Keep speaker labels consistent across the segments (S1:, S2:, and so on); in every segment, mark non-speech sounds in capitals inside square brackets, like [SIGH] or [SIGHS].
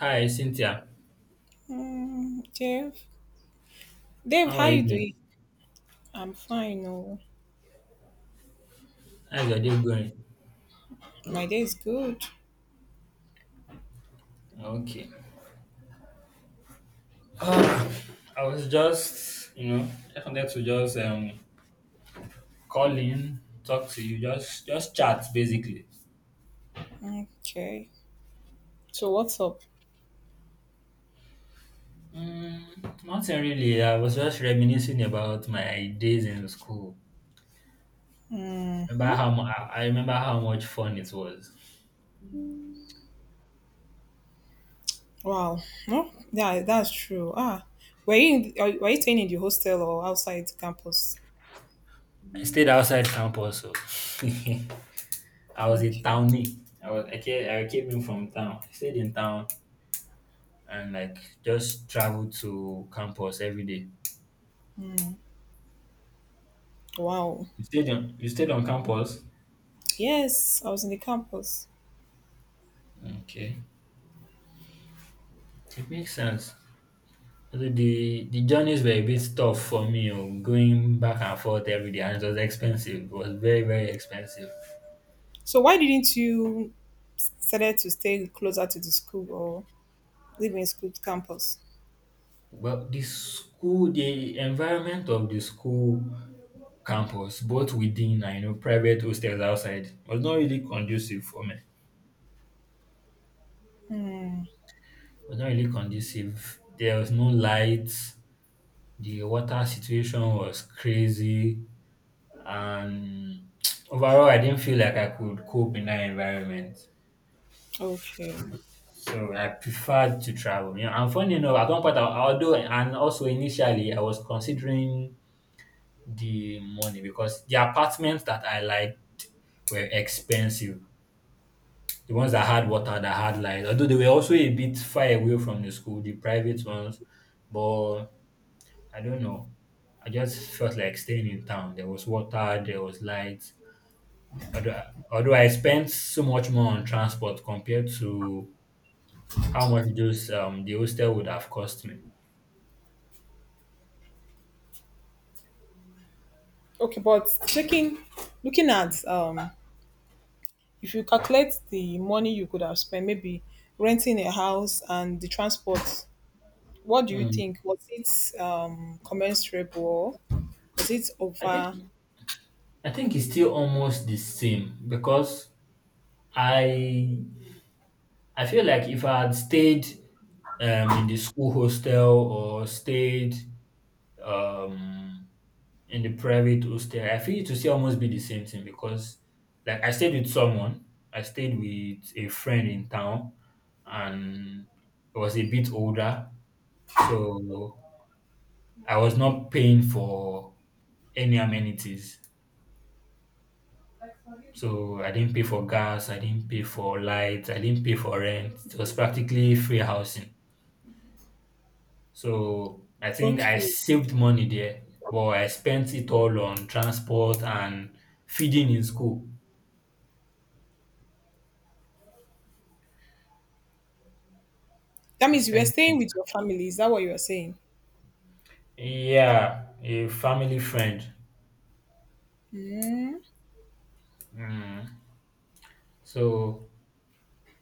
S1: Hi, Cynthia.
S2: Mm, Dave. Dave,
S1: How
S2: how
S1: are you
S2: you
S1: doing?
S2: doing? I'm fine. Oh,
S1: How's your day going?
S2: my day is good.
S1: Okay. Ah, I was just, I wanted to just call in, talk to you, just chat basically.
S2: Okay. So what's up?
S1: Nothing really. I was just reminiscing about my days in school. Remember
S2: Mm-hmm.
S1: how mu- I remember how much fun it was.
S2: Wow. No, yeah, that's true. Were you staying in the hostel or outside campus?
S1: I stayed outside campus, so [LAUGHS] I was a
S2: Okay.
S1: townie. I came in from town. I stayed in town, and like just traveled to campus every day.
S2: Wow.
S1: You stayed on campus?
S2: Yes, I was in the campus.
S1: Okay. It makes sense. Although the journeys were a bit tough for me, oh, going back and forth every day, and it was expensive. It was very, very expensive.
S2: So why didn't you decided to stay closer to the school or live in school campus?
S1: But the school, the environment of the school campus, both within and private hostels outside, was not really conducive for me. Was not really conducive. There was no lights. The water situation was crazy, and overall, I didn't feel like I could cope in that environment,
S2: Okay.
S1: so I preferred to travel, and funny enough, at one point, I, although and also initially, I was considering the money, because the apartments that I liked were expensive. The ones that had water, that had light, although they were also a bit far away from the school, the private ones. But I don't know, I just felt like staying in town. There was water, there was light, although I spent so much more on transport compared to how much those the hostel would have cost me.
S2: Okay, but checking, looking at if you calculate the money you could have spent, maybe renting a house and the transport, what do you
S1: Hmm.
S2: think? Was it commensurable? Or was it
S1: I think
S2: over?
S1: I think it's still almost the same, because I I feel like if I had stayed in the school hostel, or stayed um in the private hostel, I feel it will still almost be the same thing, because like I stayed with someone, I stayed with a friend in town, and was a bit older. So I was not paying for any amenities. So I didn't pay for gas, I didn't pay for light, I didn't pay for rent. It was practically free housing. So I think I
S2: Okay.
S1: saved money there, but I spent it all on transport and feeding in school.
S2: That
S1: I
S2: means you were
S1: spent
S2: staying
S1: it.
S2: with your family. Is that what you were saying?
S1: Yeah, a family friend.
S2: Mm,
S1: Mm. So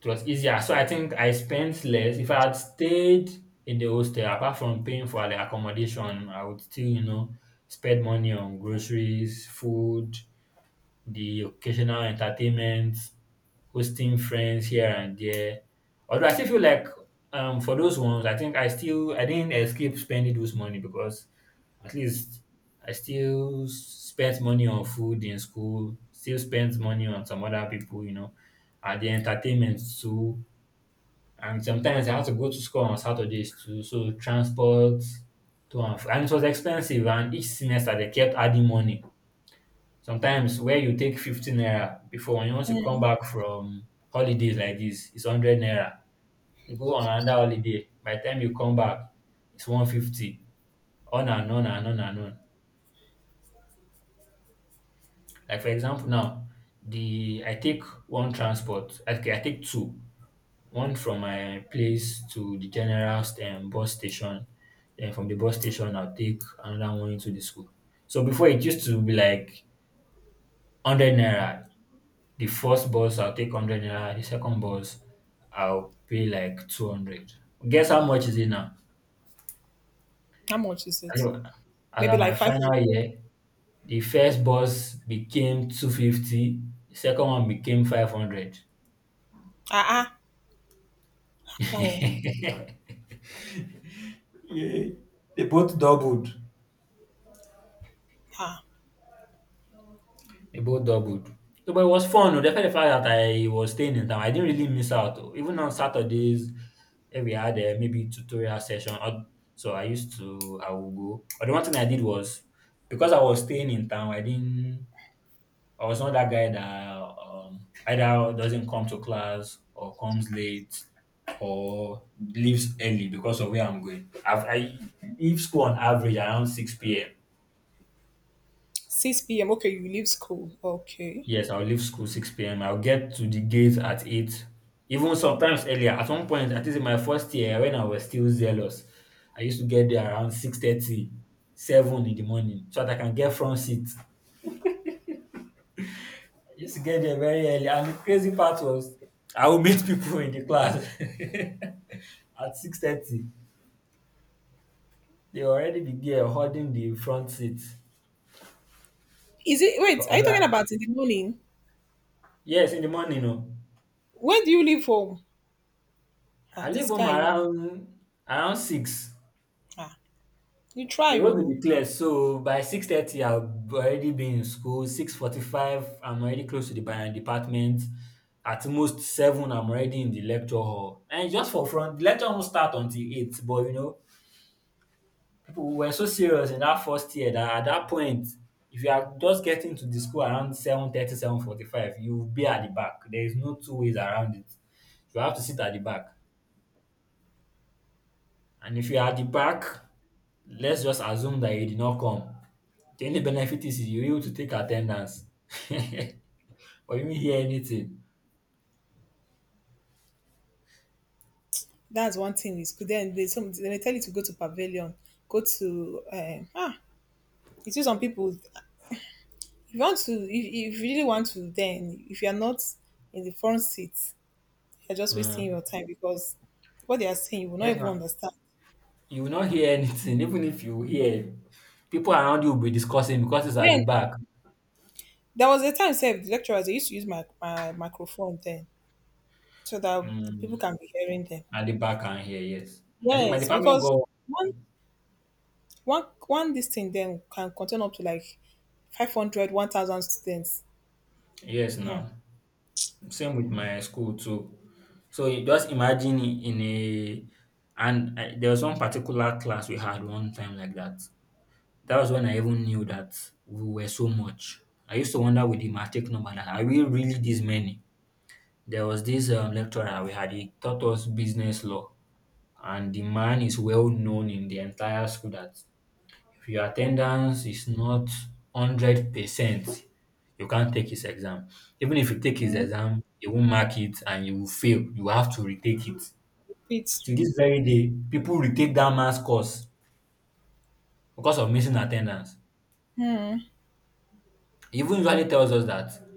S1: it was easier. So I think I spent less. If I had stayed in the hostel, apart from paying for the accommodation, I would still, spend money on groceries, food, the occasional entertainment, hosting friends here and there. Although I still feel like for those ones, I think I didn't escape spending those money, because at least I still spent money on food in school, still spent money on some other people, and the entertainment too, and sometimes I had to go to school on Saturdays too. So transport to and fro. And it was expensive. And each semester they kept adding money. Sometimes where you take 15 naira before, when you want to come back from holidays like this, it's 100 naira. You go on another holiday. By the time you come back, it's 150. On and on and on and on. Like for example now, the I take one transport. Okay, I take two. One from my place to the general bus station. Then from the bus station, I'll take another one into the school. So before it used to be like 100 naira. The first bus I'll take 100 naira. The second bus I'll pay like 200. Guess how much is it now?
S2: how much is it?
S1: Anyway, as
S2: Maybe
S1: at my
S2: like
S1: final
S2: 500.
S1: year, the first bus became 250. The second one became 500.
S2: Ah, ah, no.
S1: [LAUGHS] Yeah, they both doubled.
S2: Ah,
S1: They both doubled. So, but it was fun. Oh, despite the fact that I was staying in town, I didn't really miss out. Oh. Even on Saturdays, if we had maybe tutorial session, or, so I used to I would go. But the one thing I did was because I was staying in town, I didn't. I was not that guy that either doesn't come to class or comes late or leaves early because of where I'm going. I leave school on average around six p.m.
S2: 6 p.m. Okay, you leave school. Okay.
S1: Yes, I'll leave school 6 p.m. I'll get to the gate at 8, even sometimes earlier. At one point, at least in my first year, when I was still zealous, I used to get there around 6:30, 7 in the morning, so that I can get front seat. I used to get there very early. And the crazy part was, I would meet people in the class [LAUGHS] at 6:30. They already be there holding the front seat.
S2: Is it,
S1: So,
S2: wait, are you talking about in the morning?
S1: yes, in the morning. No.
S2: When do you leave home?
S1: I leave
S2: This
S1: home
S2: guy, you,
S1: around 6.
S2: ah, you try,
S1: The road will
S2: you.
S1: be clear, so by 6:30, I'll already be in school. 6:45, I'm already close to the Bayern department. At most 7, I'm already in the lecture hall. And just for fun, the lecture won't start until 8. But people were so serious in that first year, that at that point, if you are just getting to the school around 7:30, 7:45, you'll be at the back. There is no two ways around it. You have to sit at the back, and if you are at the back, let's just assume that you did not come. The only benefit is you're able to take attendance, [LAUGHS] but you won't hear anything.
S2: That's one thing is good. Then they some they may tell you to go to pavilion, go to ah. You see some people. If you want to, if you really want to, then if you are not in the front seat, you're just wasting
S1: Mm.
S2: your time because what they are saying you will not
S1: Yes,
S2: even
S1: ma'am.
S2: understand.
S1: You will not hear anything. Even if you hear, people around you will be discussing because it's at the
S2: Then
S1: back.
S2: there was a time, said the lecturers they used to use my microphone then so that the people
S1: Mm.
S2: can be hearing them.
S1: At the back and here, yes. I think my
S2: Yes,
S1: department
S2: because
S1: got
S2: one one this thing then can contain up to like 500, 1,000 students.
S1: yes
S2: Hmm.
S1: now. Same with my school too. So you just imagine, in a and I, there was one particular class we had one time like that. That was when I even knew that we were so much. I used to wonder with the matric number, that are we really this many? There was this lecturer we had, he taught us business law, and the man is well known in the entire school that if your attendance is not 100%, you can't take his exam. Even if you take his
S2: Hmm.
S1: exam, he won't mark it and you will fail. You have to retake it.
S2: It's-
S1: Till this very day, people retake that man's course because of missing attendance. He even usually tells us that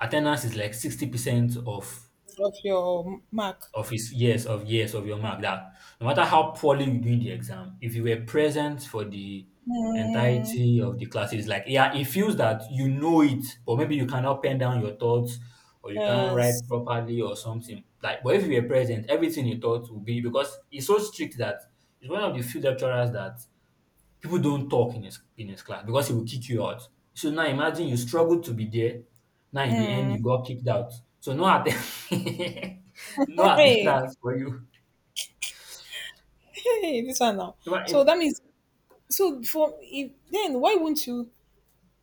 S1: attendance is like 60%
S2: of your mark.
S1: of his years of your mark, that no matter how poorly you do in the exam, if you were present for the
S2: Mm,
S1: entirety of the classes, like yeah, it feels that you know it, but maybe you cannot pen down your thoughts, or you can't write
S2: yes.
S1: properly or something. Like but if you were present, everything you thought will be, because it's so strict that it's one of the few lecturers that people don't talk in his class, because he will kick you out. So now imagine you struggled to be there. Now in the end you
S2: Mm.
S1: got
S2: [LAUGHS]
S1: kicked out. So [LAUGHS] no
S2: Hey,
S1: attendance for you.
S2: hey, this one now.
S1: No,
S2: So that
S1: it-
S2: means so for if then why wouldn't you?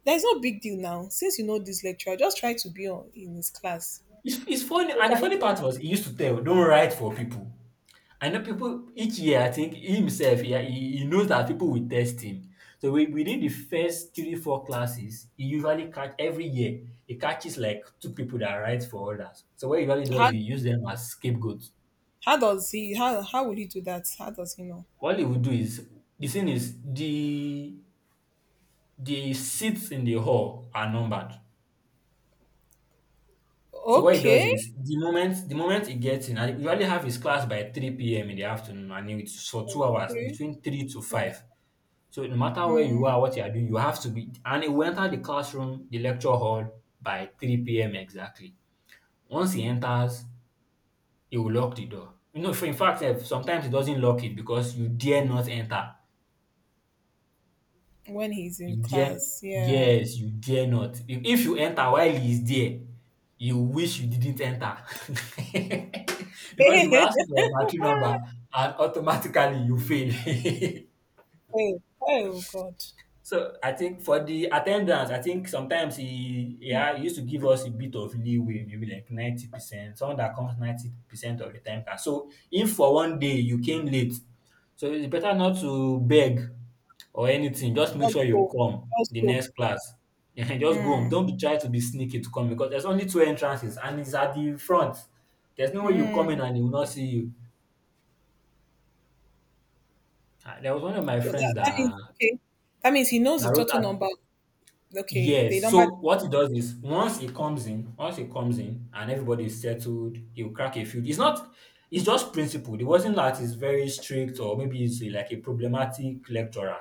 S2: There's no big deal now since you know this lecturer. Just try to be on in his class.
S1: It's funny,
S2: They
S1: and the
S2: can use
S1: funny
S2: it.
S1: part was he used to tell, "Don't write for people." I know people each year. I think he himself, yeah, he knows that people will test him. So we, within the first three four classes, he usually catch every year. He catches like two people that write for others. So what he usually does,
S2: How
S1: he use them as scapegoats.
S2: how does he how will he do that? How does he know?
S1: What they will do is the thing is the seats in the hall are numbered. So what he does
S2: Okay,
S1: is the moment he gets in, and he usually have his class by 3 p.m. in the afternoon, and it's for 2 hours
S2: okay,
S1: between three to five.
S2: okay.
S1: So no matter where you
S2: Mm.
S1: are, what you are doing, you have to be, and he will enter the classroom, the lecture hall by 3 p.m. exactly. Once he enters, he will lock the door. For in fact, sometimes he doesn't lock it because you dare not enter.
S2: When he's in
S1: You dare
S2: class, yeah.
S1: Yes, you dare not. If you enter while he is there, you wish you didn't enter [LAUGHS]
S2: [LAUGHS]
S1: because he will
S2: Hey,
S1: ask you for your matching number and automatically you fail. [LAUGHS]
S2: oh God.
S1: So I think for the attendance, I think sometimes he used to give us a bit of leeway, maybe like 90%. Someone that comes 90% of the time can. So if for one day you came late, so it's better not to beg or anything. Just make
S2: Let's
S1: sure you
S2: go,
S1: come
S2: let's
S1: the
S2: go.
S1: next class. [LAUGHS] Ehen, just go home.
S2: Mm.
S1: Don't be try to be sneaky to come because there's only two entrances and it's at the front. There's no way you come in
S2: Mm.
S1: and he will not see you. There was one of my
S2: So
S1: friends
S2: that
S1: that
S2: means okay. That means he knows
S1: that
S2: the
S1: wrote
S2: total
S1: at
S2: number. Okay,
S1: Yes.
S2: the number.
S1: So what he does is once he comes in, and everybody is settled, he'll crack a few. It's just principled. It wasn't that he's very strict or maybe he's like a problematic lecturer.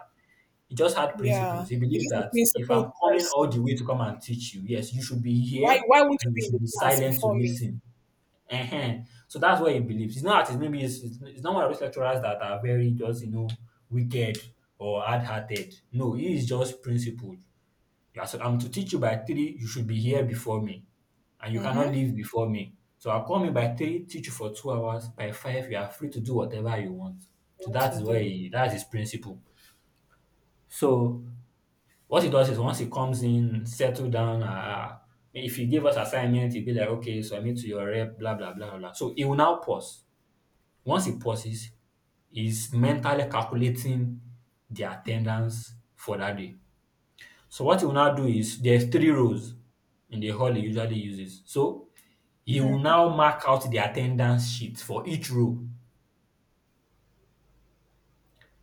S1: He just had principles.
S2: Yeah,
S1: He
S2: he's
S1: believes
S2: just a
S1: that if I'm
S2: principled
S1: coming all the
S2: person.
S1: way to come and teach you, yes, you should be
S2: Why?
S1: here
S2: Why won't you
S1: and you
S2: be in
S1: should
S2: the
S1: be
S2: class
S1: silent to
S2: before me?
S1: listen. uh So that's what he believes. It's not that it's maybe it's not one of those lecturers that are very just, wicked or hard hearted. No, he is just principled. I said, I'm to teach you by 3, you should be here before me, and you cannot
S2: Mm-hmm.
S1: leave before me. So I'll come in by 3, teach you for 2 hours. By 5, you are free to do whatever you want. So
S2: What
S1: that
S2: to
S1: is where
S2: do?
S1: he, that is his principle. So what he does is once he comes in, settle down. If he gave us assignment, he'd be like, okay, submit to your rep, blah blah blah blah. So he will now pause. Once he pauses, he's mentally calculating the attendance for that day. So what he will now do is there's 3 rows in the hall he usually uses. So he will now mark out the attendance sheet for each row.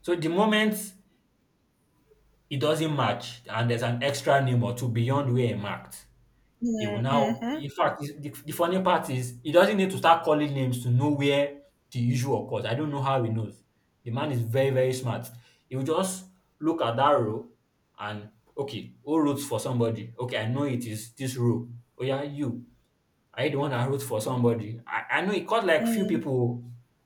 S1: So the moment it doesn't match and there's an extra name or two beyond where he marked, he will now,
S2: Mm-hmm.
S1: in fact, the funny part is he doesn't need to start calling names to know where the issue occurs. I don't know how he knows. The man is very, very smart. He will just look at that row and okay, who wrote for somebody? Okay, I know it is this row. Oh yeah, you. I don't want to root for somebody. I know it caught like few
S2: Mm.
S1: people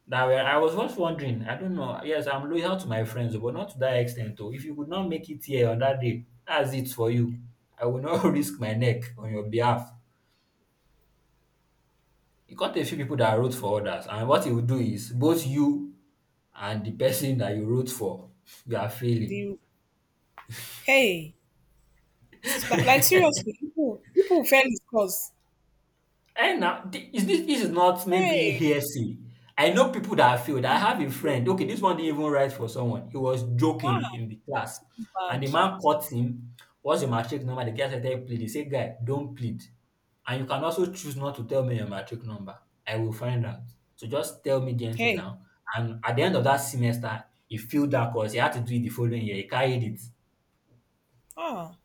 S1: that were, I was just wondering. I don't know. Yes, I'm loyal to my friends, but not to that extent though. If you could not make it here on that day, that's it for you. I will not [LAUGHS] risk my neck on your behalf. It caught a few people that wrote for others, and what it will do is both you and the person that you wrote for, you are failing.
S2: The hey, it's like
S1: [LAUGHS]
S2: seriously, people fail his cause.
S1: And now, thi- is this this is not maybe
S2: Hey,
S1: hearsay. I know people that have failed. I have a friend. Okay,
S2: [LAUGHS]
S1: this one didn't even write for someone. He was joking
S2: ah,
S1: in the class, and
S2: bad.
S1: the man caught him. What's your matric number? The guy said, "Hey, plead." He said, "Guy, don't plead, and you can also choose not to tell me your matric number. I will find out. So just tell me gently
S2: Hey,
S1: now." And at the end of that semester, he failed that course. He had to do it the following year. He carried it.
S2: ah.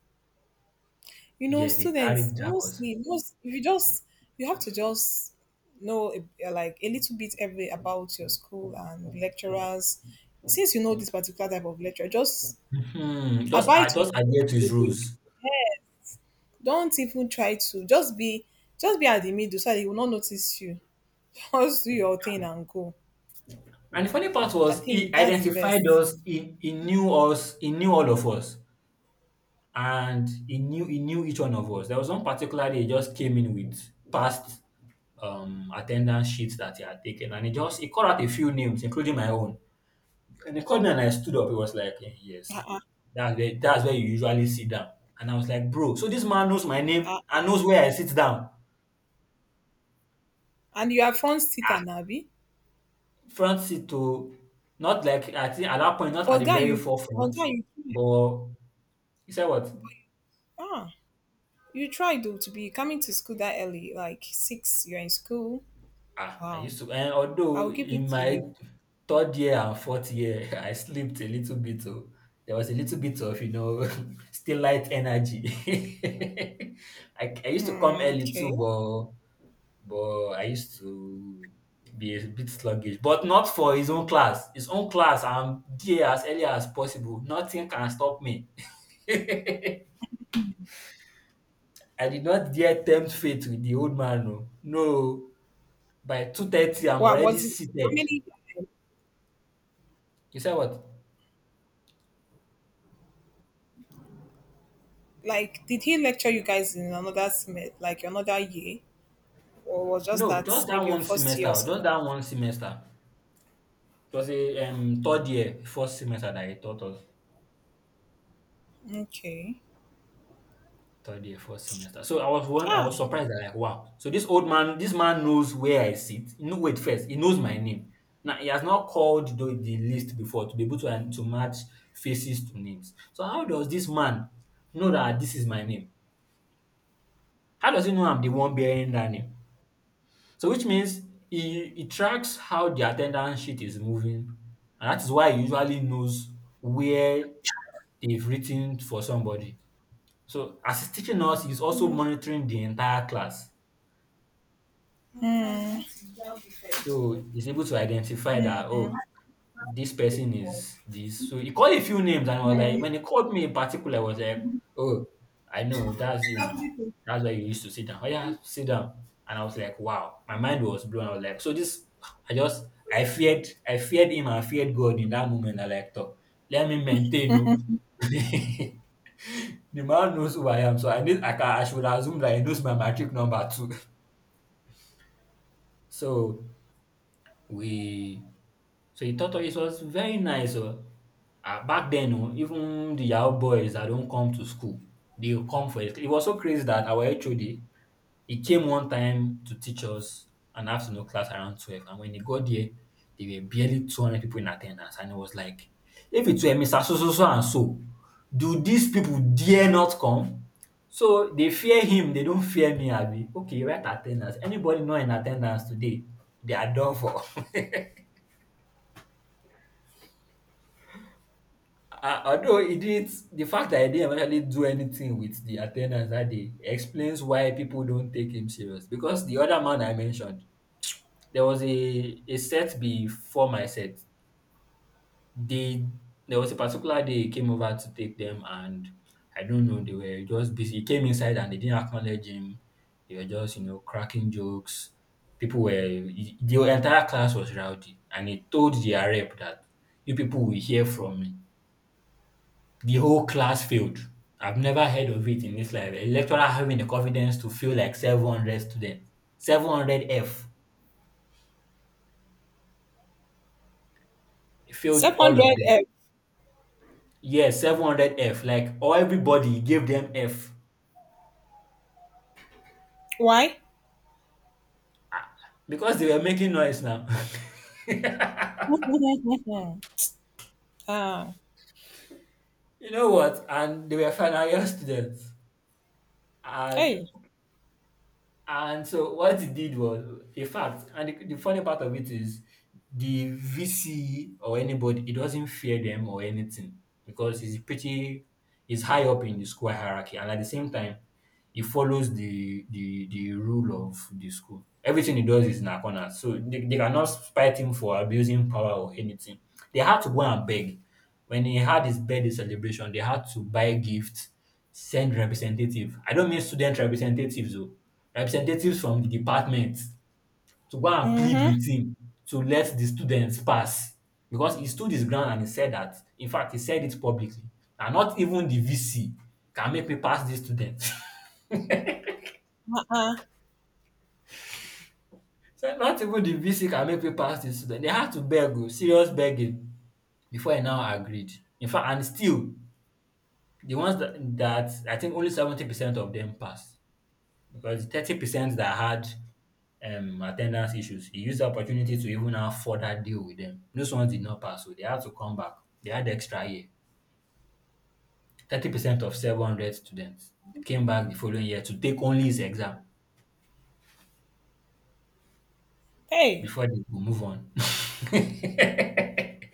S2: You know
S1: Yes, he
S2: students
S1: carried that course.
S2: mostly most if you just you have to just know like a little bit every about your school and lecturers, since you know this particular type of lecturer, just
S1: Hmm. Just,
S2: abide
S1: I just
S2: to
S1: adhere to his
S2: it.
S1: rules.
S2: Don't even try to just be at the middle so that they will not notice you. [LAUGHS] Just do your thing and go.
S1: And the funny part
S2: I
S1: was he
S2: think that's the
S1: identified
S2: best.
S1: us, he knew us, he knew all of us. And he knew each one of us. There was one particular day he just came in with past attendance sheets that he had taken and he called out a few names, including my own. And he called me and I stood up. He was like, "Eh, yes.
S2: Uh-uh,
S1: That's where you usually sit down." And I was like, bro, so this man knows my name and
S2: uh-uh.
S1: knows where I sit down.
S2: And you are front seater
S1: Ah,
S2: nabi,
S1: front seat to, not like, I think at that point, not at
S2: but
S1: the
S2: guy
S1: very
S2: you but
S1: forefront,
S2: guy you
S1: but. You said what?
S2: ah You tried though to be coming to school that early, like six, you're in school.
S1: Ah, I
S2: Wow.
S1: used to, and although
S2: I'll give it
S1: in
S2: to
S1: my
S2: you.
S1: 3rd year and 4th year, [LAUGHS] I slept a little bit. Oh, there was a little bit of, you know, [LAUGHS] still light energy. [LAUGHS] I used to come
S2: Mm,
S1: early too,
S2: okay.
S1: but I used to be a bit sluggish, but not for his own class. His own class, I'm there as early as possible. Nothing can stop me. [LAUGHS] I did not dare tempt fate with the old man. No, no. By 2:30, I'm
S2: What
S1: already
S2: was it? How
S1: seated.
S2: many?
S1: You said what?
S2: Like, did he lecture you guys in another semester, like another year, or was just
S1: No,
S2: that
S1: just that
S2: maybe your
S1: one
S2: first year or
S1: semester, just
S2: second?
S1: that one semester. It was a 3rd year, 1st semester that I taught us.
S2: Okay.
S1: Third year, first semester. So I was one, I
S2: Yeah.
S1: was surprised that like, wow. So this old man, this man knows where I sit. No, wait first, he knows my name. Now he has not called the list before to be able to match faces to names. So how does this man know that this is my name? How does he know I'm the one bearing that name? So which means he tracks how the attendance sheet is moving, and that is why he usually knows where they've written for somebody. So as he's teaching us, he's also monitoring the entire class. So he's able to identify that, oh, this person is this. So he called a few names, and I was like, when he called me in particular, I was like, oh, I know, that's you now. That's why you used to sit down. Oh, yeah, sit down. And I was like, wow, my mind was blown. I was like, so this, I just, I feared, I feared God in that moment. I like, "Toh, let me maintain, no." [LAUGHS] The man knows who I am, so I need, I, can, I should assume that he knows my matric number too. [LAUGHS] So we So he taught us. It was very nice oh. Ah, back then oh, even the yahoo boys that don't come to school, they will come for it. It was so crazy that our HOD, he came one time to teach us an afternoon class around 12. And when he got there, there were barely 200 people in attendance. And it was like, if it were Mr. So, so, so, and so, do these people dare not come? So they fear him, they don't fear me, Abi. Okay, right attendance. Anybody not in attendance today, they are done for. [LAUGHS] Although he did the fact that he didn't actually do anything with the attendance that day explains why people don't take him serious. Because the other man I mentioned, there was a set before my set. They There was a particular day he came over to take them, and I don't know, they were just busy. He came inside and they didn't acknowledge him. They were just, you know, cracking jokes. People were The entire class was rowdy, and he told their rep that you people will hear from me. The whole class failed. I've never heard of it in this life. A lecturer having the confidence to fail like 700 students. 700 F. Failed all of
S2: Secondary.
S1: them. Yes, 700 F. Like, or everybody gave them F.
S2: Why?
S1: Because they were making noise now.
S2: [LAUGHS] ah.
S1: [LAUGHS] You know what? And they were final year students. And
S2: Hey.
S1: And So what he did was a fact, and the funny part of it is the VC or anybody, he doesn't fear them or anything because he's pretty, he's high up in the school hierarchy, and at the same time, he follows the rule of the school. Everything he does is in her corner. So they cannot spite him for abusing power or anything. They had to go and beg. When he had his birthday celebration, they had to buy gifts, send representative. I don't mean student representatives, though. Representatives from the department to go and plead
S2: Mm-hmm.
S1: with him to let the students pass. Because he stood his ground and he said that. In fact, he said it publicly. "And not even the VC can make me pass this student." [LAUGHS]
S2: Uh-uh.
S1: So not even the VC can make me pass the student. They had to beg oh, serious begging before I now agreed. In fact, and still the ones that I think only 70% of them passed because 30% that had attendance issues, he used the opportunity to even now further deal with them. Those ones did not pass, so they had to come back. They had extra year. 30% of 700 students came back the following year to take only his exam.
S2: Hey.
S1: Before they go move on. [LAUGHS] It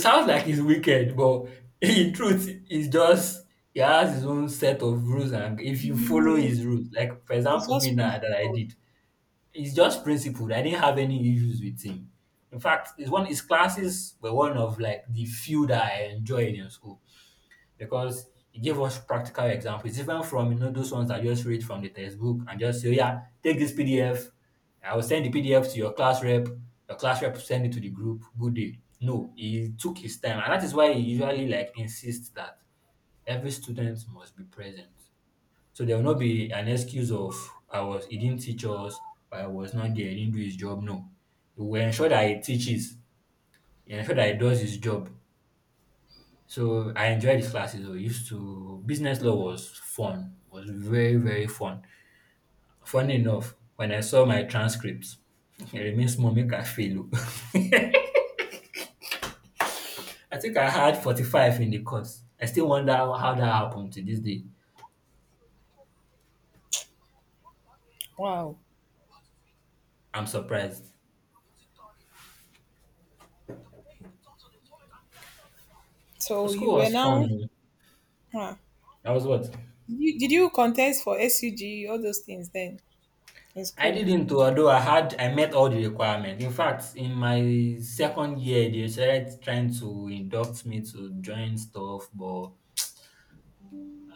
S1: sounds like he's wicked, but [LAUGHS] in truth, he's just, he has his own set of rules, and if you follow
S2: Mm,
S1: his
S2: it's
S1: rules, like for
S2: it's
S1: example, me
S2: just
S1: now that I
S2: principle.
S1: did, it's just principled. I didn't have any issues with him. In fact, his classes were one of like the few that I enjoyed in school because it gave us practical examples. It's different from, you know, those ones that just read from the textbook and just say, "Oh, yeah, take this PDF. I will send the PDF to your class rep. Your class rep will send it to the group. Good day. No, he took his time, and that is why he usually like insists that every student must be present. So there will not be an excuse of I was he didn't teach us, or I was not there, he didn't do his job. No, he will ensure that he teaches, he ensure that he does his job, so I enjoyed these classes. We used to Business law was fun, was very very fun. Funny enough, when I saw my transcripts, [LAUGHS] it remains small, make I fail. [LAUGHS] I think I had 45 in the course. I still wonder how that happened to this day.
S2: Wow.
S1: I'm surprised. So,
S2: So
S1: school
S2: you were
S1: was fun,
S2: now.
S1: o.
S2: Huh.
S1: That was what.
S2: Did you contest for SUG, all those things then, in
S1: I
S2: school?
S1: didn't, o. Although I met all the requirements. In fact, in my second year, they started trying to induct me to join stuff, but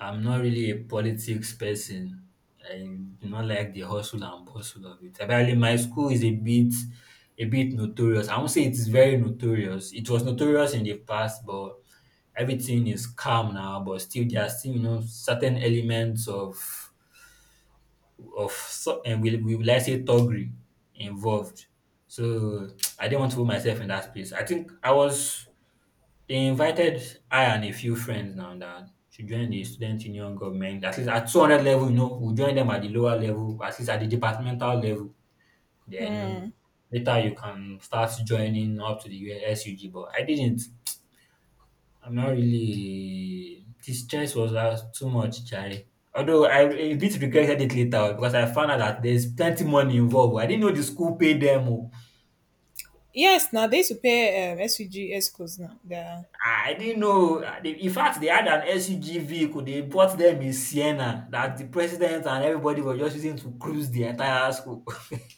S1: I'm not really a politics person. I do not like the hustle and bustle of it. Apparently, my school is a bit notorious. I won't say it is very notorious. It was notorious in the past, but everything is calm now. But still, there are still you know certain elements of and we will, I say, thuggery involved. So [TSK] I didn't want to put myself in that space. I think I was they invited I and a few friends now that should join the student union government. At least at 200 level, you know, we'll join them at the lower level, at least at the departmental level. Then
S2: Mm.
S1: later you can start joining up to the SUG. But I didn't. I'm not really. The stress was too much, Charlie. Although I a bit regretted it later because I found out that there's plenty money involved. I didn't know the school paid them. Oh.
S2: Yes, now they used to pay SUG escorts now. Yeah.
S1: Ah, I didn't know. They In fact, they had an SUG vehicle. They bought them in Siena that the president and everybody were just using to cruise the entire school. [LAUGHS]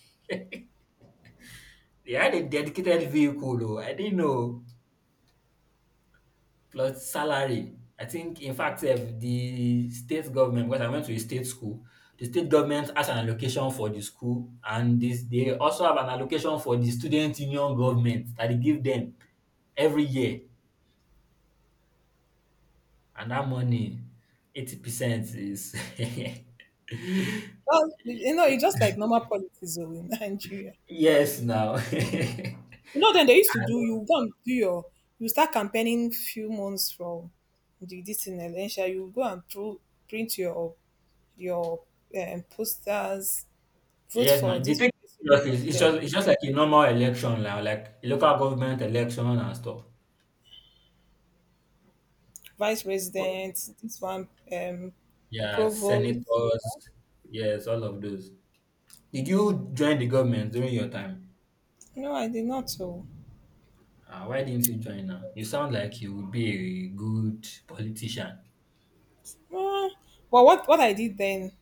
S1: They had a dedicated vehicle though. I didn't know. Plus salary. I think, in fact, sef, the state government, because I went to a state school, the state government has an allocation for the school, and this they also have an allocation for the student union government that they give them every year. And that money, 80% is [LAUGHS]
S2: Well, you know,
S1: it,
S2: it's just like normal politics though in [LAUGHS] Nigeria.
S1: yes now. [LAUGHS] I
S2: You know, then they used to do,
S1: know.
S2: you go and do your, you start campaigning few months from the, this in election, you go and print your posters, vote
S1: Yes, now.
S2: for
S1: The
S2: this
S1: thing
S2: person,
S1: is,
S2: vote for
S1: it's
S2: the
S1: just it's just like a normal election now, like a local government election and stuff.
S2: vice
S1: But
S2: president, this one,
S1: yeah,
S2: provost.
S1: senators, yes, all of those. Did you join the government during your time?
S2: No, I did not. So.
S1: Why didn't you join now? You sound like you would be a good politician.
S2: Uh, but what I did then,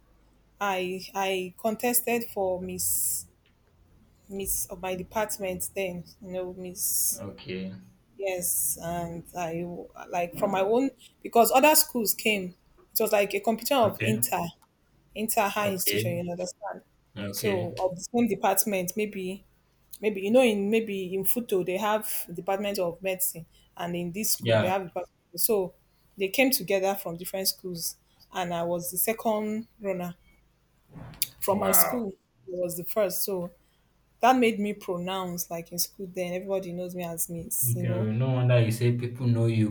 S2: I contested for Miss of my department then, you know, Miss.
S1: Okay.
S2: Yes, and I, like, from my own, because other schools came. It was like a competition of
S1: Okay.
S2: inter high institution,
S1: Okay.
S2: you understand?
S1: Okay.
S2: So of the same department, maybe. Maybe you know in maybe in Futo they have Department of Medicine, and in this school they
S1: Yeah.
S2: have Depart- so they came together from different schools, and I was the second runner from my
S1: Wow.
S2: school. I was the first, so that made me pronounced like in school. Then everybody knows me as Miss. You know,
S1: Okay, no wonder you say people know you.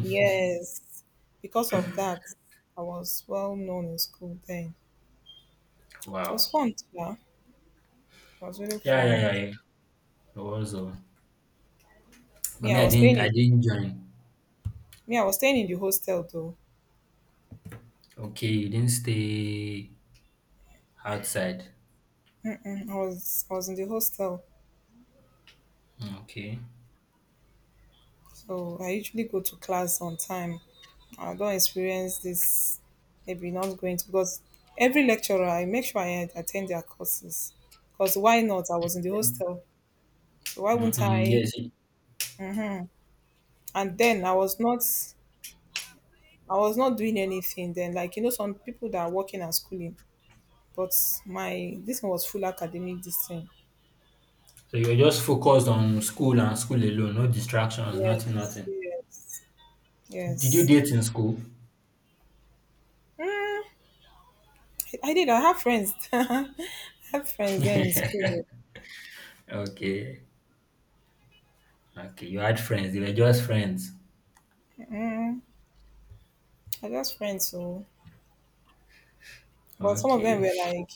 S2: yes. Because of that, I was well known in school then. It was
S1: Wow.
S2: fun, yeah. It was really
S1: Yeah, yeah,
S2: fun.
S1: yeah, yeah. It was but
S2: Me,
S1: me,
S2: I
S1: I
S2: was
S1: didn't,
S2: staying
S1: I
S2: in
S1: didn't join.
S2: Me, I was staying in the hostel though.
S1: Okay, you didn't stay outside.
S2: Mm-mm, I was in the hostel.
S1: Okay.
S2: So I usually go to class on time. I don't experience this maybe not going to, because every lecturer I make sure I attend their courses. Because why not? I was in the hostel. So why wouldn't
S1: Mm-hmm.
S2: I,
S1: Yes.
S2: and then I was not, I was not doing anything then, like you know, some people that are working and schooling. But my this one was full academic this thing.
S1: So you were just focused on school and school alone, no distractions, nothing,
S2: Yes,
S1: nothing.
S2: yes,
S1: Did you
S2: yes.
S1: date in school?
S2: Mm, I did. I have friends. [LAUGHS] I have friends then in
S1: [LAUGHS]
S2: school.
S1: Okay. Okay. You had friends. You were just friends.
S2: Mm, I just friends. So but some of them
S1: Okay.
S2: were like,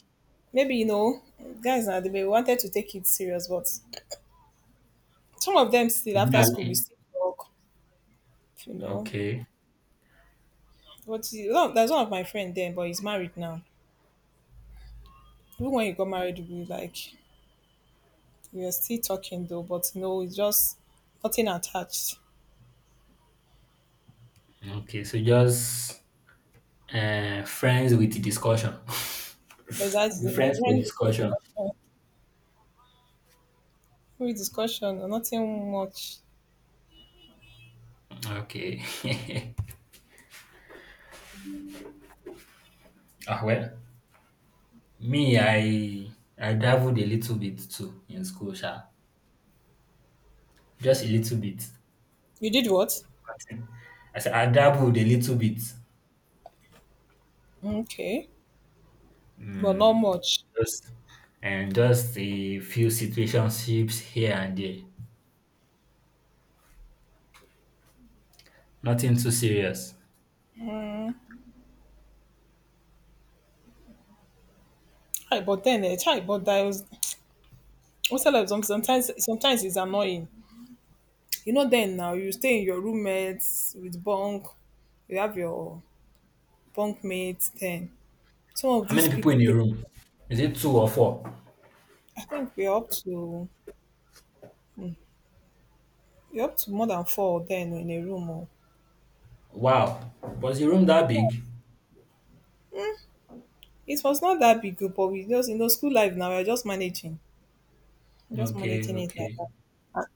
S2: maybe you know, guys now they may wanted to take it serious, but some of them still
S1: You didn't
S2: after school we
S1: have-
S2: still talk, you know.
S1: Okay.
S2: But you know, there's one of my friend then, but he's married now. Even when he got married, we like, we are still talking though, but you know, it's just nothing attached.
S1: Okay. So just friends with discussion. [LAUGHS] Be
S2: Exactly.
S1: friends for
S2: When
S1: discussion.
S2: discussion, we discussion, nothing much.
S1: Okay. [LAUGHS] Well, me, I dabbled a little bit too in school, sha. Just a little bit.
S2: You did what?
S1: I said I dabbled a little bit.
S2: Okay, but not
S1: Mm,
S2: much.
S1: just and just a few situationships here and there. Nothing too serious.
S2: Hi, but then, hi, but that was. Also, like sometimes it's annoying. You know then now you stay in your roommates with bunk, you have your bunk mates then, some of
S1: How many
S2: these
S1: people
S2: people
S1: in a
S2: they,
S1: room? Is it two or four?
S2: I think we're up to hmm, we're up to more than four then in a room oh.
S1: Wow. Was your room that
S2: Yeah,
S1: big?
S2: it was not that big group, but we just, you know, school life now we're just managing, just
S1: Okay,
S2: managing it like
S1: okay.
S2: that. and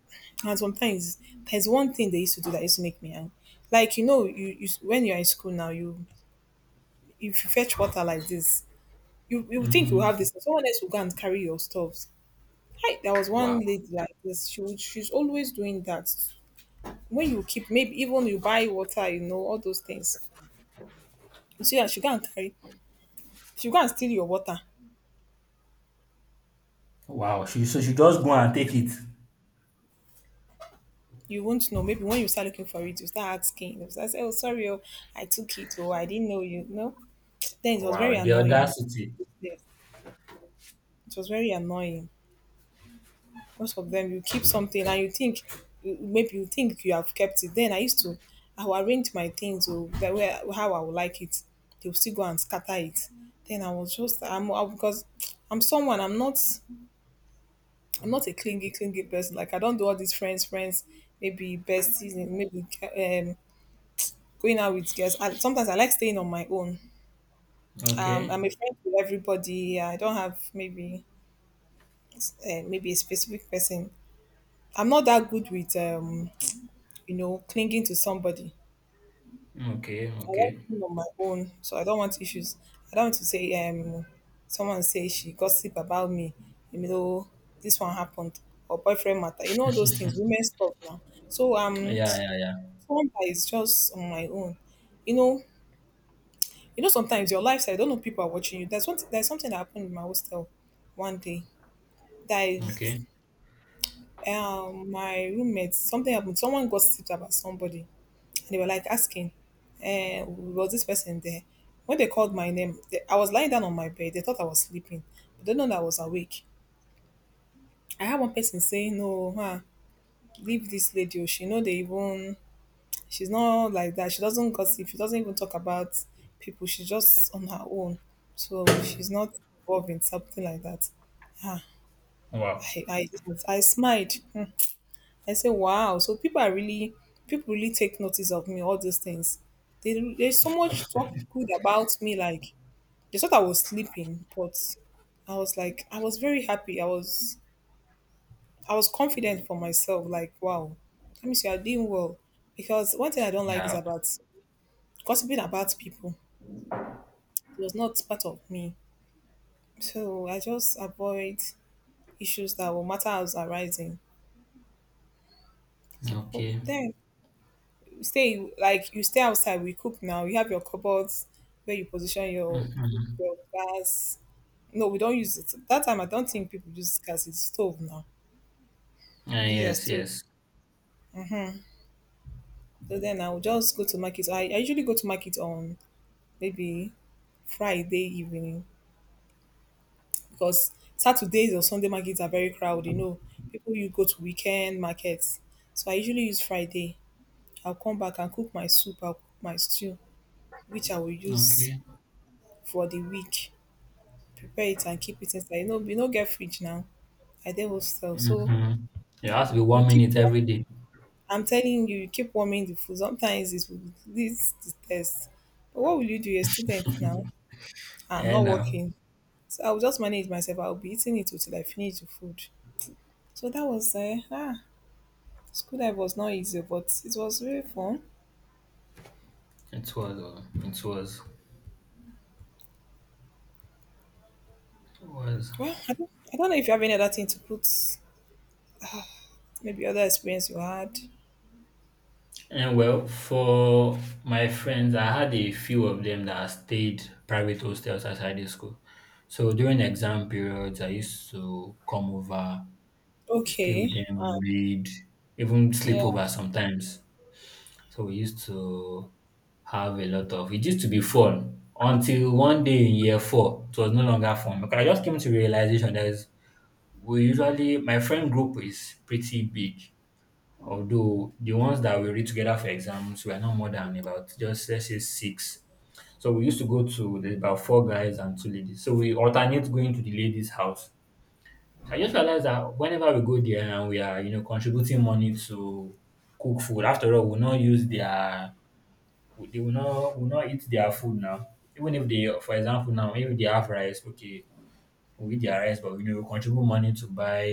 S2: and sometimes there's one thing they used to do that used to make me angry. Like, you know, you when you're in school now, you, if you fetch water like this, you would think you have
S1: Mm-hmm.
S2: this, someone else will go and carry your stuff. Hi, there was one
S1: Wow.
S2: lady like this. She would, she's always doing that. When you keep, maybe even you buy water, you know, all those things. You see that she go and carry, she go and steal your water.
S1: Wow, she so she just go and take it.
S2: You won't know. Maybe when you start looking for it, you start asking. You start saying, "Oh, sorry, oh, I took it. Oh, I didn't know you." No, then it was
S1: Wow,
S2: very
S1: the
S2: annoying.
S1: audacity.
S2: Yes, it was very annoying. Most of them you keep something and you think maybe you think you have kept it. Then I used to I will arrange my things oh, the way how I would like it, they'll still go and scatter it. Then I was just because I'm someone, I'm not a clingy person. Like, I don't do all these friends friends, maybe besties and maybe going out with girls. Sometimes I like staying on my own,
S1: Okay,
S2: I'm a friend with everybody. I don't have maybe a specific person. I'm not that good with you know, clinging to somebody.
S1: okay,
S2: I like
S1: okay.
S2: being on my own, so I don't want issues. I don't want to say someone say she gossip about me, you know, this one happened or boyfriend matter. You know those things, women stuff now. So
S1: Yeah, yeah, yeah.
S2: someone that is just on my own. You know, sometimes your lifestyle, I don't know if people are watching you. There's something that happened in my hostel one day. That is
S1: Okay.
S2: my roommate, something happened, someone gossiped about somebody. They were like asking, was this person there? When they called my name, I was lying down on my bed. They thought I was sleeping, but they know that I was awake. I had one person saying, "No, huh, leave this lady. Oh, she know they even. She's not like that. She doesn't gossip. She doesn't even talk about people. She's just on her own. So she's not involved in something like that." Ah,
S1: Wow.
S2: I, I, I smiled. Hmm. I say, wow. So people really take notice of me, all these things. There's so much talk good about me. Like, they thought I was sleeping, but I was like, I was very happy. I was confident for myself. Like, wow, let me see, I'm doing well. Because one thing I don't like is
S1: Yeah.
S2: about gossiping about people. It was not part of me. So I just avoid issues that will matter as arising. So
S1: Okay.
S2: then you stay outside. We cook now. You have your cupboards where you position your
S1: Mm-hmm.
S2: your gas. No, we don't use it. That time I don't think people use gas. It's stove now.
S1: Ah,
S2: We use as
S1: yes,
S2: stove.
S1: yes.
S2: So then I will just go to market. I usually go to market on maybe Friday evening, because Saturdays or Sunday markets are very crowded. You know, people you go to weekend markets. So I usually use Friday. I'll come back and cook my soup. I'll cook my stew, which I will use
S1: Okay.
S2: for the week. Prepare it and keep it inside. You know, you no get fridge now. I dey hostel, so
S1: Mm-hmm. It has to be
S2: you
S1: one
S2: keep.
S1: minute every day.
S2: I'm telling you, you keep warming the food. Sometimes it will leads to test. But what will you do? You're a student now. I'm
S1: And
S2: not
S1: now
S2: working, so I'll just manage myself. I'll be eating it until I finish the food. So that was school life was not easy, but it was really fun.
S1: it was.
S2: Well, I don't know if you have any other thing to put. Maybe other experience you had.
S1: And well, for my friends, I had a few of them that stayed private hostels outside the school. So during exam periods, I used to come over, stay with
S2: Okay.
S1: them, read, even
S2: Yeah.
S1: sleep over sometimes. So we used to have a lot of. It used to be fun until one day in year 4, it was no longer fun because I just came to realization that is we usually my friend group is pretty big. Although the ones that we read together for exams were not more than about just let's say six. So we used to go to there's about four guys and two ladies. So we alternate going to the ladies' house. I just realized that whenever we go there and we are, you know, contributing money to cook food, after all, we'll not use their they will not eat their food now. Even if they for example now, if they have rice, okay, we eat their rice, but we know we contribute money to buy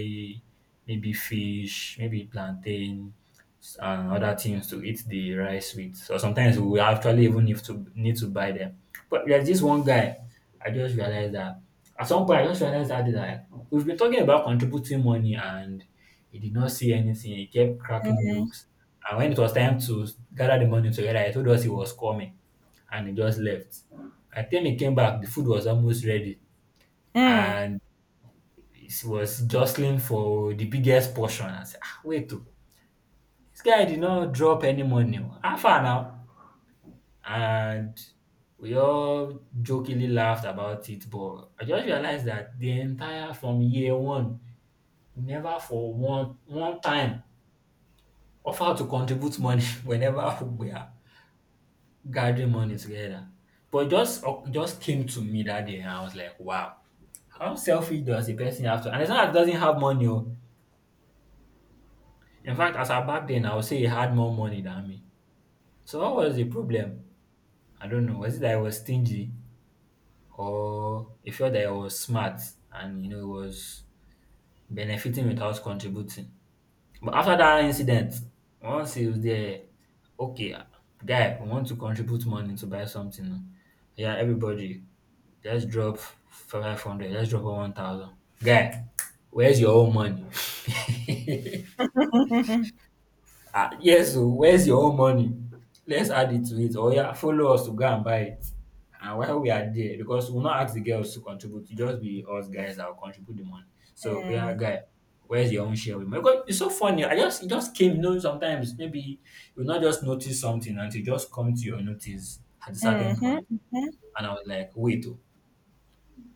S1: maybe fish, maybe plantain, and other things to eat the rice with. So sometimes we actually even need to buy them. But there's this one guy, I just realized that at some point I just realized that like, we've been talking about contributing money and he did not see anything. He kept cracking jokes. And when it was time to gather the money together, he told us he was coming and he just left. I think he came back, the food was almost ready.
S2: Mm.
S1: And he was jostling for the biggest portion. I said, ah, wait, oh, this guy did not drop any money. Oh. How far now? And we all jokingly laughed about it, but I just realized that the entire from year 1 never for one time offered to contribute money [LAUGHS] whenever we are gathering money together. But it just just came to me that day, and I was like, wow, how selfish does a person have to? And it's not that he doesn't have money, oh. In fact, as at back then, I would say he had more money than me. So what was the problem? I don't know. Was it that I was stingy or he felt that I was smart and you know he was benefiting without contributing? But after that incident, once he was there, okay, guy, we want to contribute money to buy something now. Yeah, everybody, let's drop 500, let's drop 1,000. Guy, where's your own money? [LAUGHS] Ah yes, oh, where's your own money? Let's add it to it. Oya follow us to go and buy it. And while we are there because we will not ask the girls to contribute, it'll just be us guys that will contribute the money. So oya guy, where's your own share with mine? Because it's so funny. I just it just came, you know, sometimes maybe you'll not just notice something until it just come to your notice at a certain point.
S2: Mm-hmm.
S1: And I was like, wait, oh,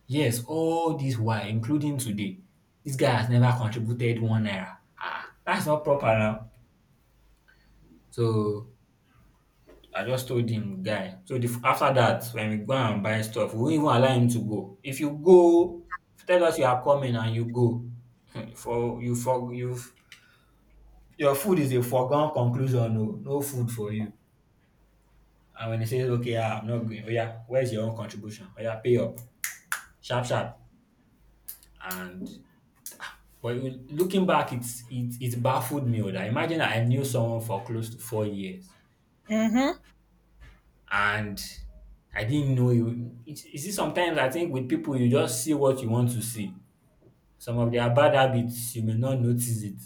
S1: yes, all this while including today, this guy has never contributed ₦1. Ah, that's not proper now. So I just told him, guy. So after that, when we go and buy stuff, we won't even allow him to go. If you go, tell us you are coming and you go. [LAUGHS] For you your food is a foregone conclusion. No, no food for you. And when he says, okay, I'm not going. Oh yeah, where's your own contribution? Oh yeah, pay up, sharp, sharp. And but looking back, it baffled me, oh. That imagine that I knew someone for close to 4 years.
S2: Mm-hmm.
S1: And I didn't know you. You see sometimes I think with people you just see what you want to see. Some of their bad habits you may not notice it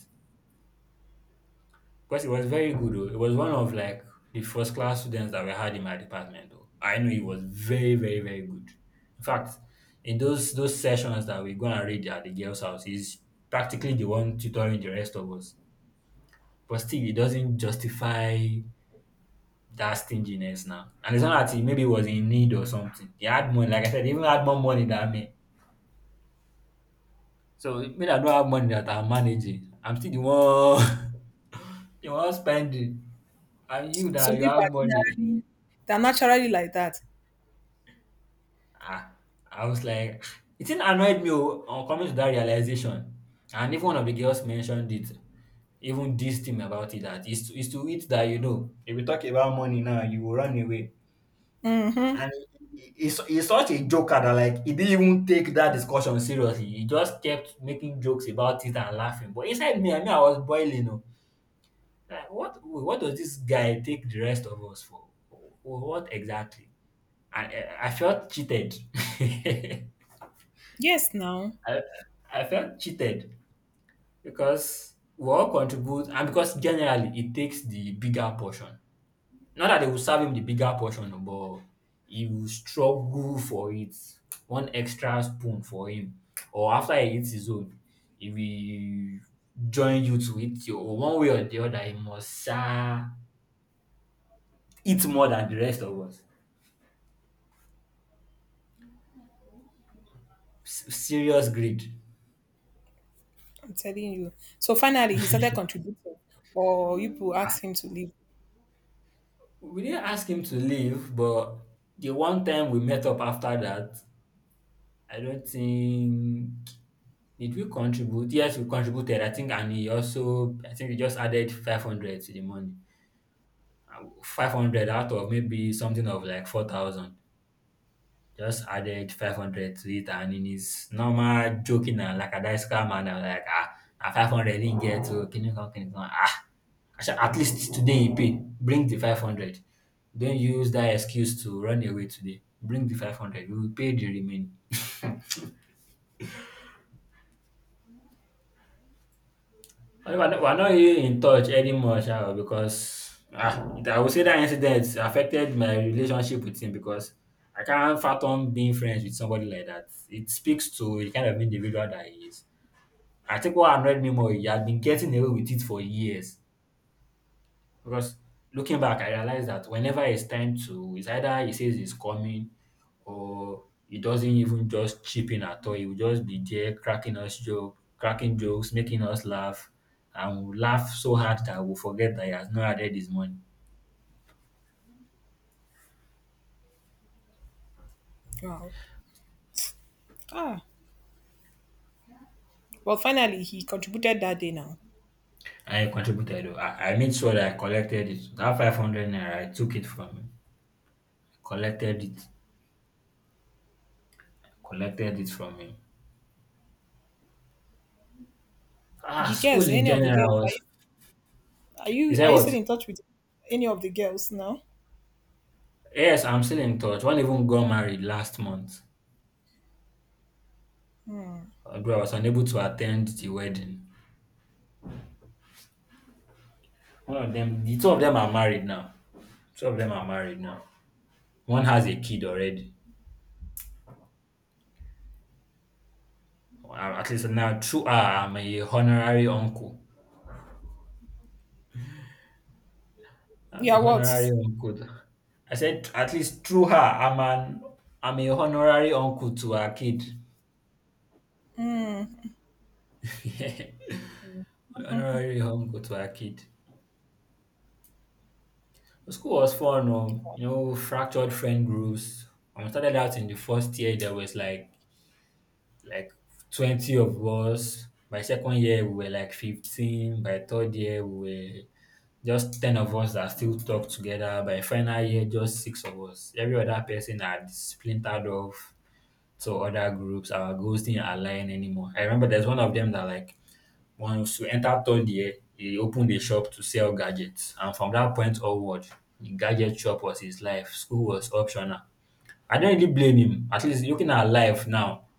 S1: because it was very good. Oh. It was one of like the first class students that we had in my department. Oh. I know he was very very very good. In fact, in those sessions that we go and read at the girls' house, he's practically the one tutoring the rest of us. But still, it doesn't justify that stinginess now. And it's not that he maybe was in need or something. He had money. Like I said, he even had more money than me. So me that don't have money that I'm managing, I'm still the one [LAUGHS] the one spending. And you
S2: Some
S1: that you
S2: people are
S1: have money.
S2: generally they're naturally like that.
S1: Ah, I was like, [SIGHS] it didn't annoyed me, oh, on coming to that realization. And even one of the girls mentioned it, even this thing about it that it's to it that you know. If we talk about money now, you will run away.
S2: Mm-hmm.
S1: And he's such a joker that like he didn't even take that discussion seriously. He just kept making jokes about it and laughing. But inside me, I mean, I was boiling. Oh. Like, what does this guy take the rest of us for? What exactly? And I felt cheated. [LAUGHS]
S2: Yes, now
S1: I, I felt cheated because we all contribute, and because generally it takes the bigger portion. Not that they will serve him the bigger portion, no, but he will struggle for it. One extra spoon for him, or after he eats his own, he will join you to eat your own. One way or the other, he must eat more than the rest of us. Serious greed.
S2: I'm telling you. So finally, he started
S1: [LAUGHS]
S2: contributing, or you people asked him to leave.
S1: We didn't ask him to leave, but the one time we met up after that, I don't think did we contribute? Yes, we contributed. I think, and he also, I think we just added 500 to the money. 500 out of maybe something of like 4,000. Just added 500 to it, and in his normal joking and lackadaisical manner, like, ah, na 500 he get to kinikan kinikan. Ah, at least today he pay. Bring the 500. Don't use that excuse to run away today. Bring the 500. We will pay the remaining. I know, we're not really in touch anymore, sha, because ah, I would say that incident affected my relationship with him because I can't fathom being friends with somebody like that. It speaks to the kind of individual that he is. I think what annoyed me more, he had been getting away with it for years. Because looking back, I realized that whenever it's either he says he's coming or he doesn't even just chip in at all. He will just be there cracking jokes, making us laugh, and we'll laugh so hard that we'll forget that he has not added his money.
S2: Wow. Ah. Well, finally, he contributed that day. Now
S1: I contributed. Oh, I made sure that I collected it. That 500 naira, I took it from him. I collected it. I collected it from him. Ah,
S2: the
S1: school
S2: girls,
S1: in
S2: any of the girls,
S1: general
S2: are you
S1: was.
S2: are
S1: Is
S2: you, are
S1: that
S2: you still
S1: what?
S2: in touch with any of the girls now?
S1: Yes, I'm still in touch. One even got married last month. Bro, I was unable to attend the wedding. The two of them are married now. Two of them are married now. One has a kid already. At least now, through her, I'm a honorary uncle. I'm a
S2: Yeah. What?
S1: honorary uncle. I said, at least through her, I'm a honorary uncle to her kid.
S2: Mm,
S1: [LAUGHS] Honorary uncle to her kid. The school was fun, you know, fractured friend groups. When I started out in the first year, there was like 20 of us. By second year, we were like 15. By third year, we were just 10 of us that still talk together. By final year, just six of us. Every other person had splintered off to other groups. Our goals didn't align anymore. I remember there's one of them that like once we entered third year, he opened a shop to sell gadgets, and from that point onward, the gadget shop was his life. School was optional. I don't really blame him. At least looking at life now,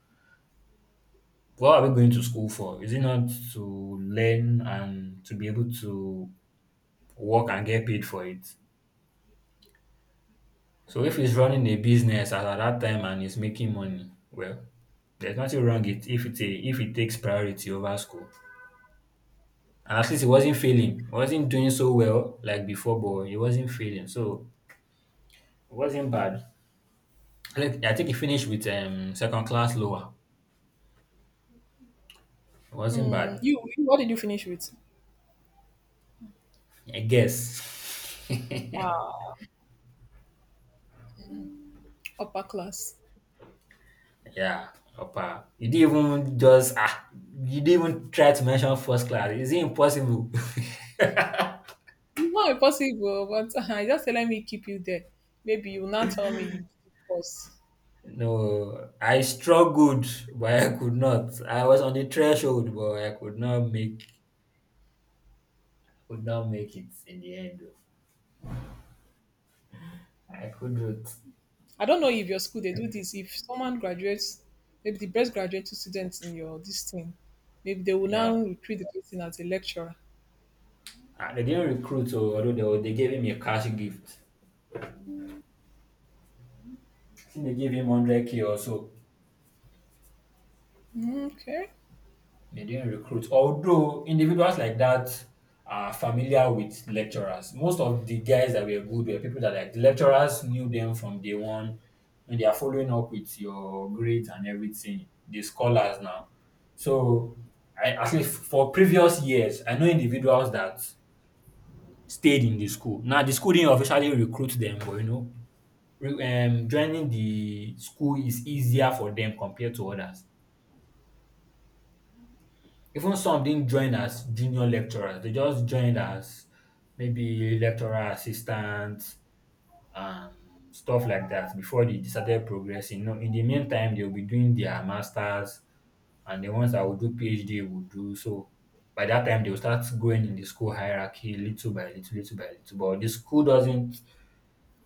S1: what are we going to school for? Is it not to learn and to be able to work and get paid for it? So if he's running a business as at that time and he's making money, well, there's nothing wrong it if it takes priority over school. And at least he wasn't failing. He wasn't doing so well like before, but he wasn't failing. So it wasn't bad. Like, I think he finished with second class lower. It wasn't
S2: mm.
S1: bad.
S2: You. What did you finish with?
S1: I guess. [LAUGHS]
S2: Ah, upper class.
S1: Yeah, upper. You didn't even just ah. You didn't even try to mention first class. Is it impossible?
S2: Not impossible, but [LAUGHS] I just say let me keep you there. Maybe you will not tell me you did course.
S1: [LAUGHS] No, I struggled, but I could not. I was on the threshold, but I could not make. Could not make it in the end. I couldn't.
S2: I don't know if your school they do this. If someone graduates, maybe the best graduating students in your this thing, maybe they will
S1: Yeah,
S2: now recruit the person as a lecturer.
S1: ah, they didn't recruit, so although they gave him a cash gift. I think they gave him 100K or so.
S2: Mm, okay,
S1: They didn't recruit. Although individuals like that are familiar with lecturers. Most of the guys that were good were people that like the lecturers knew them from day one. When they are following up with your grades and everything, the scholars now. So I at least for previous years, I know individuals that stayed in the school. Now the school didn't officially recruit them, but you know, joining the school is easier for them compared to others. Even some didn't join as junior lecturers. They just joined as maybe lecturer assistants and stuff like that before they started progressing. You know, in the meantime, they'll be doing their masters and the ones that will do PhD will do so. By that time, they'll start growing in the school hierarchy little by little, little by little. But the school doesn't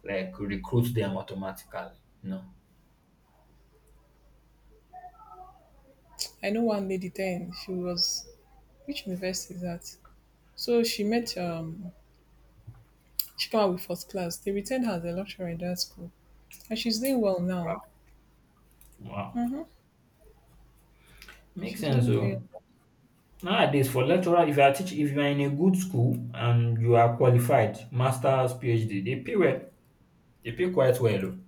S1: like recruit them automatically. You know.
S2: I know one lady then. She was, which university is that? So she came out with first class. They retained her as a lecturer in that school, and she's doing well now.
S1: Wow.
S2: Mm-hmm.
S1: Makes
S2: She's
S1: sense.
S2: really doing.
S1: Oh. Nowadays for lecturer if you are in a good school and you are qualified masters, PhD they pay well. They pay quite well oo.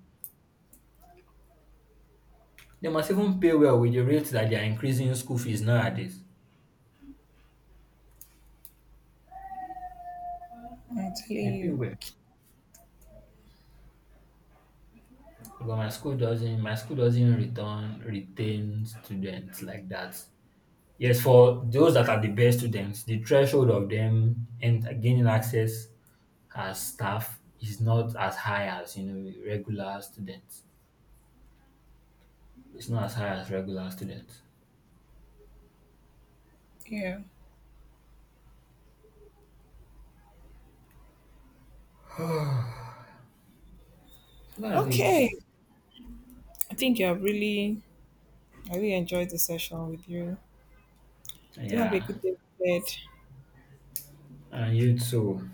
S1: Dey must even pay well with the rate that they are increasing school fees nowadays.
S2: Well, I'm
S1: They
S2: telling
S1: pay
S2: you,
S1: well but my school doesn't return retain students like that. Yes for those that are the best students the threshold of them and gaining access as staff is not as high as you know regular students. It's not as high as regular students.
S2: yeah.
S1: That's it.
S2: Okay, I think you have really I really enjoyed the session with you. Do have a
S1: Yeah.
S2: good day ahead.
S1: And you too.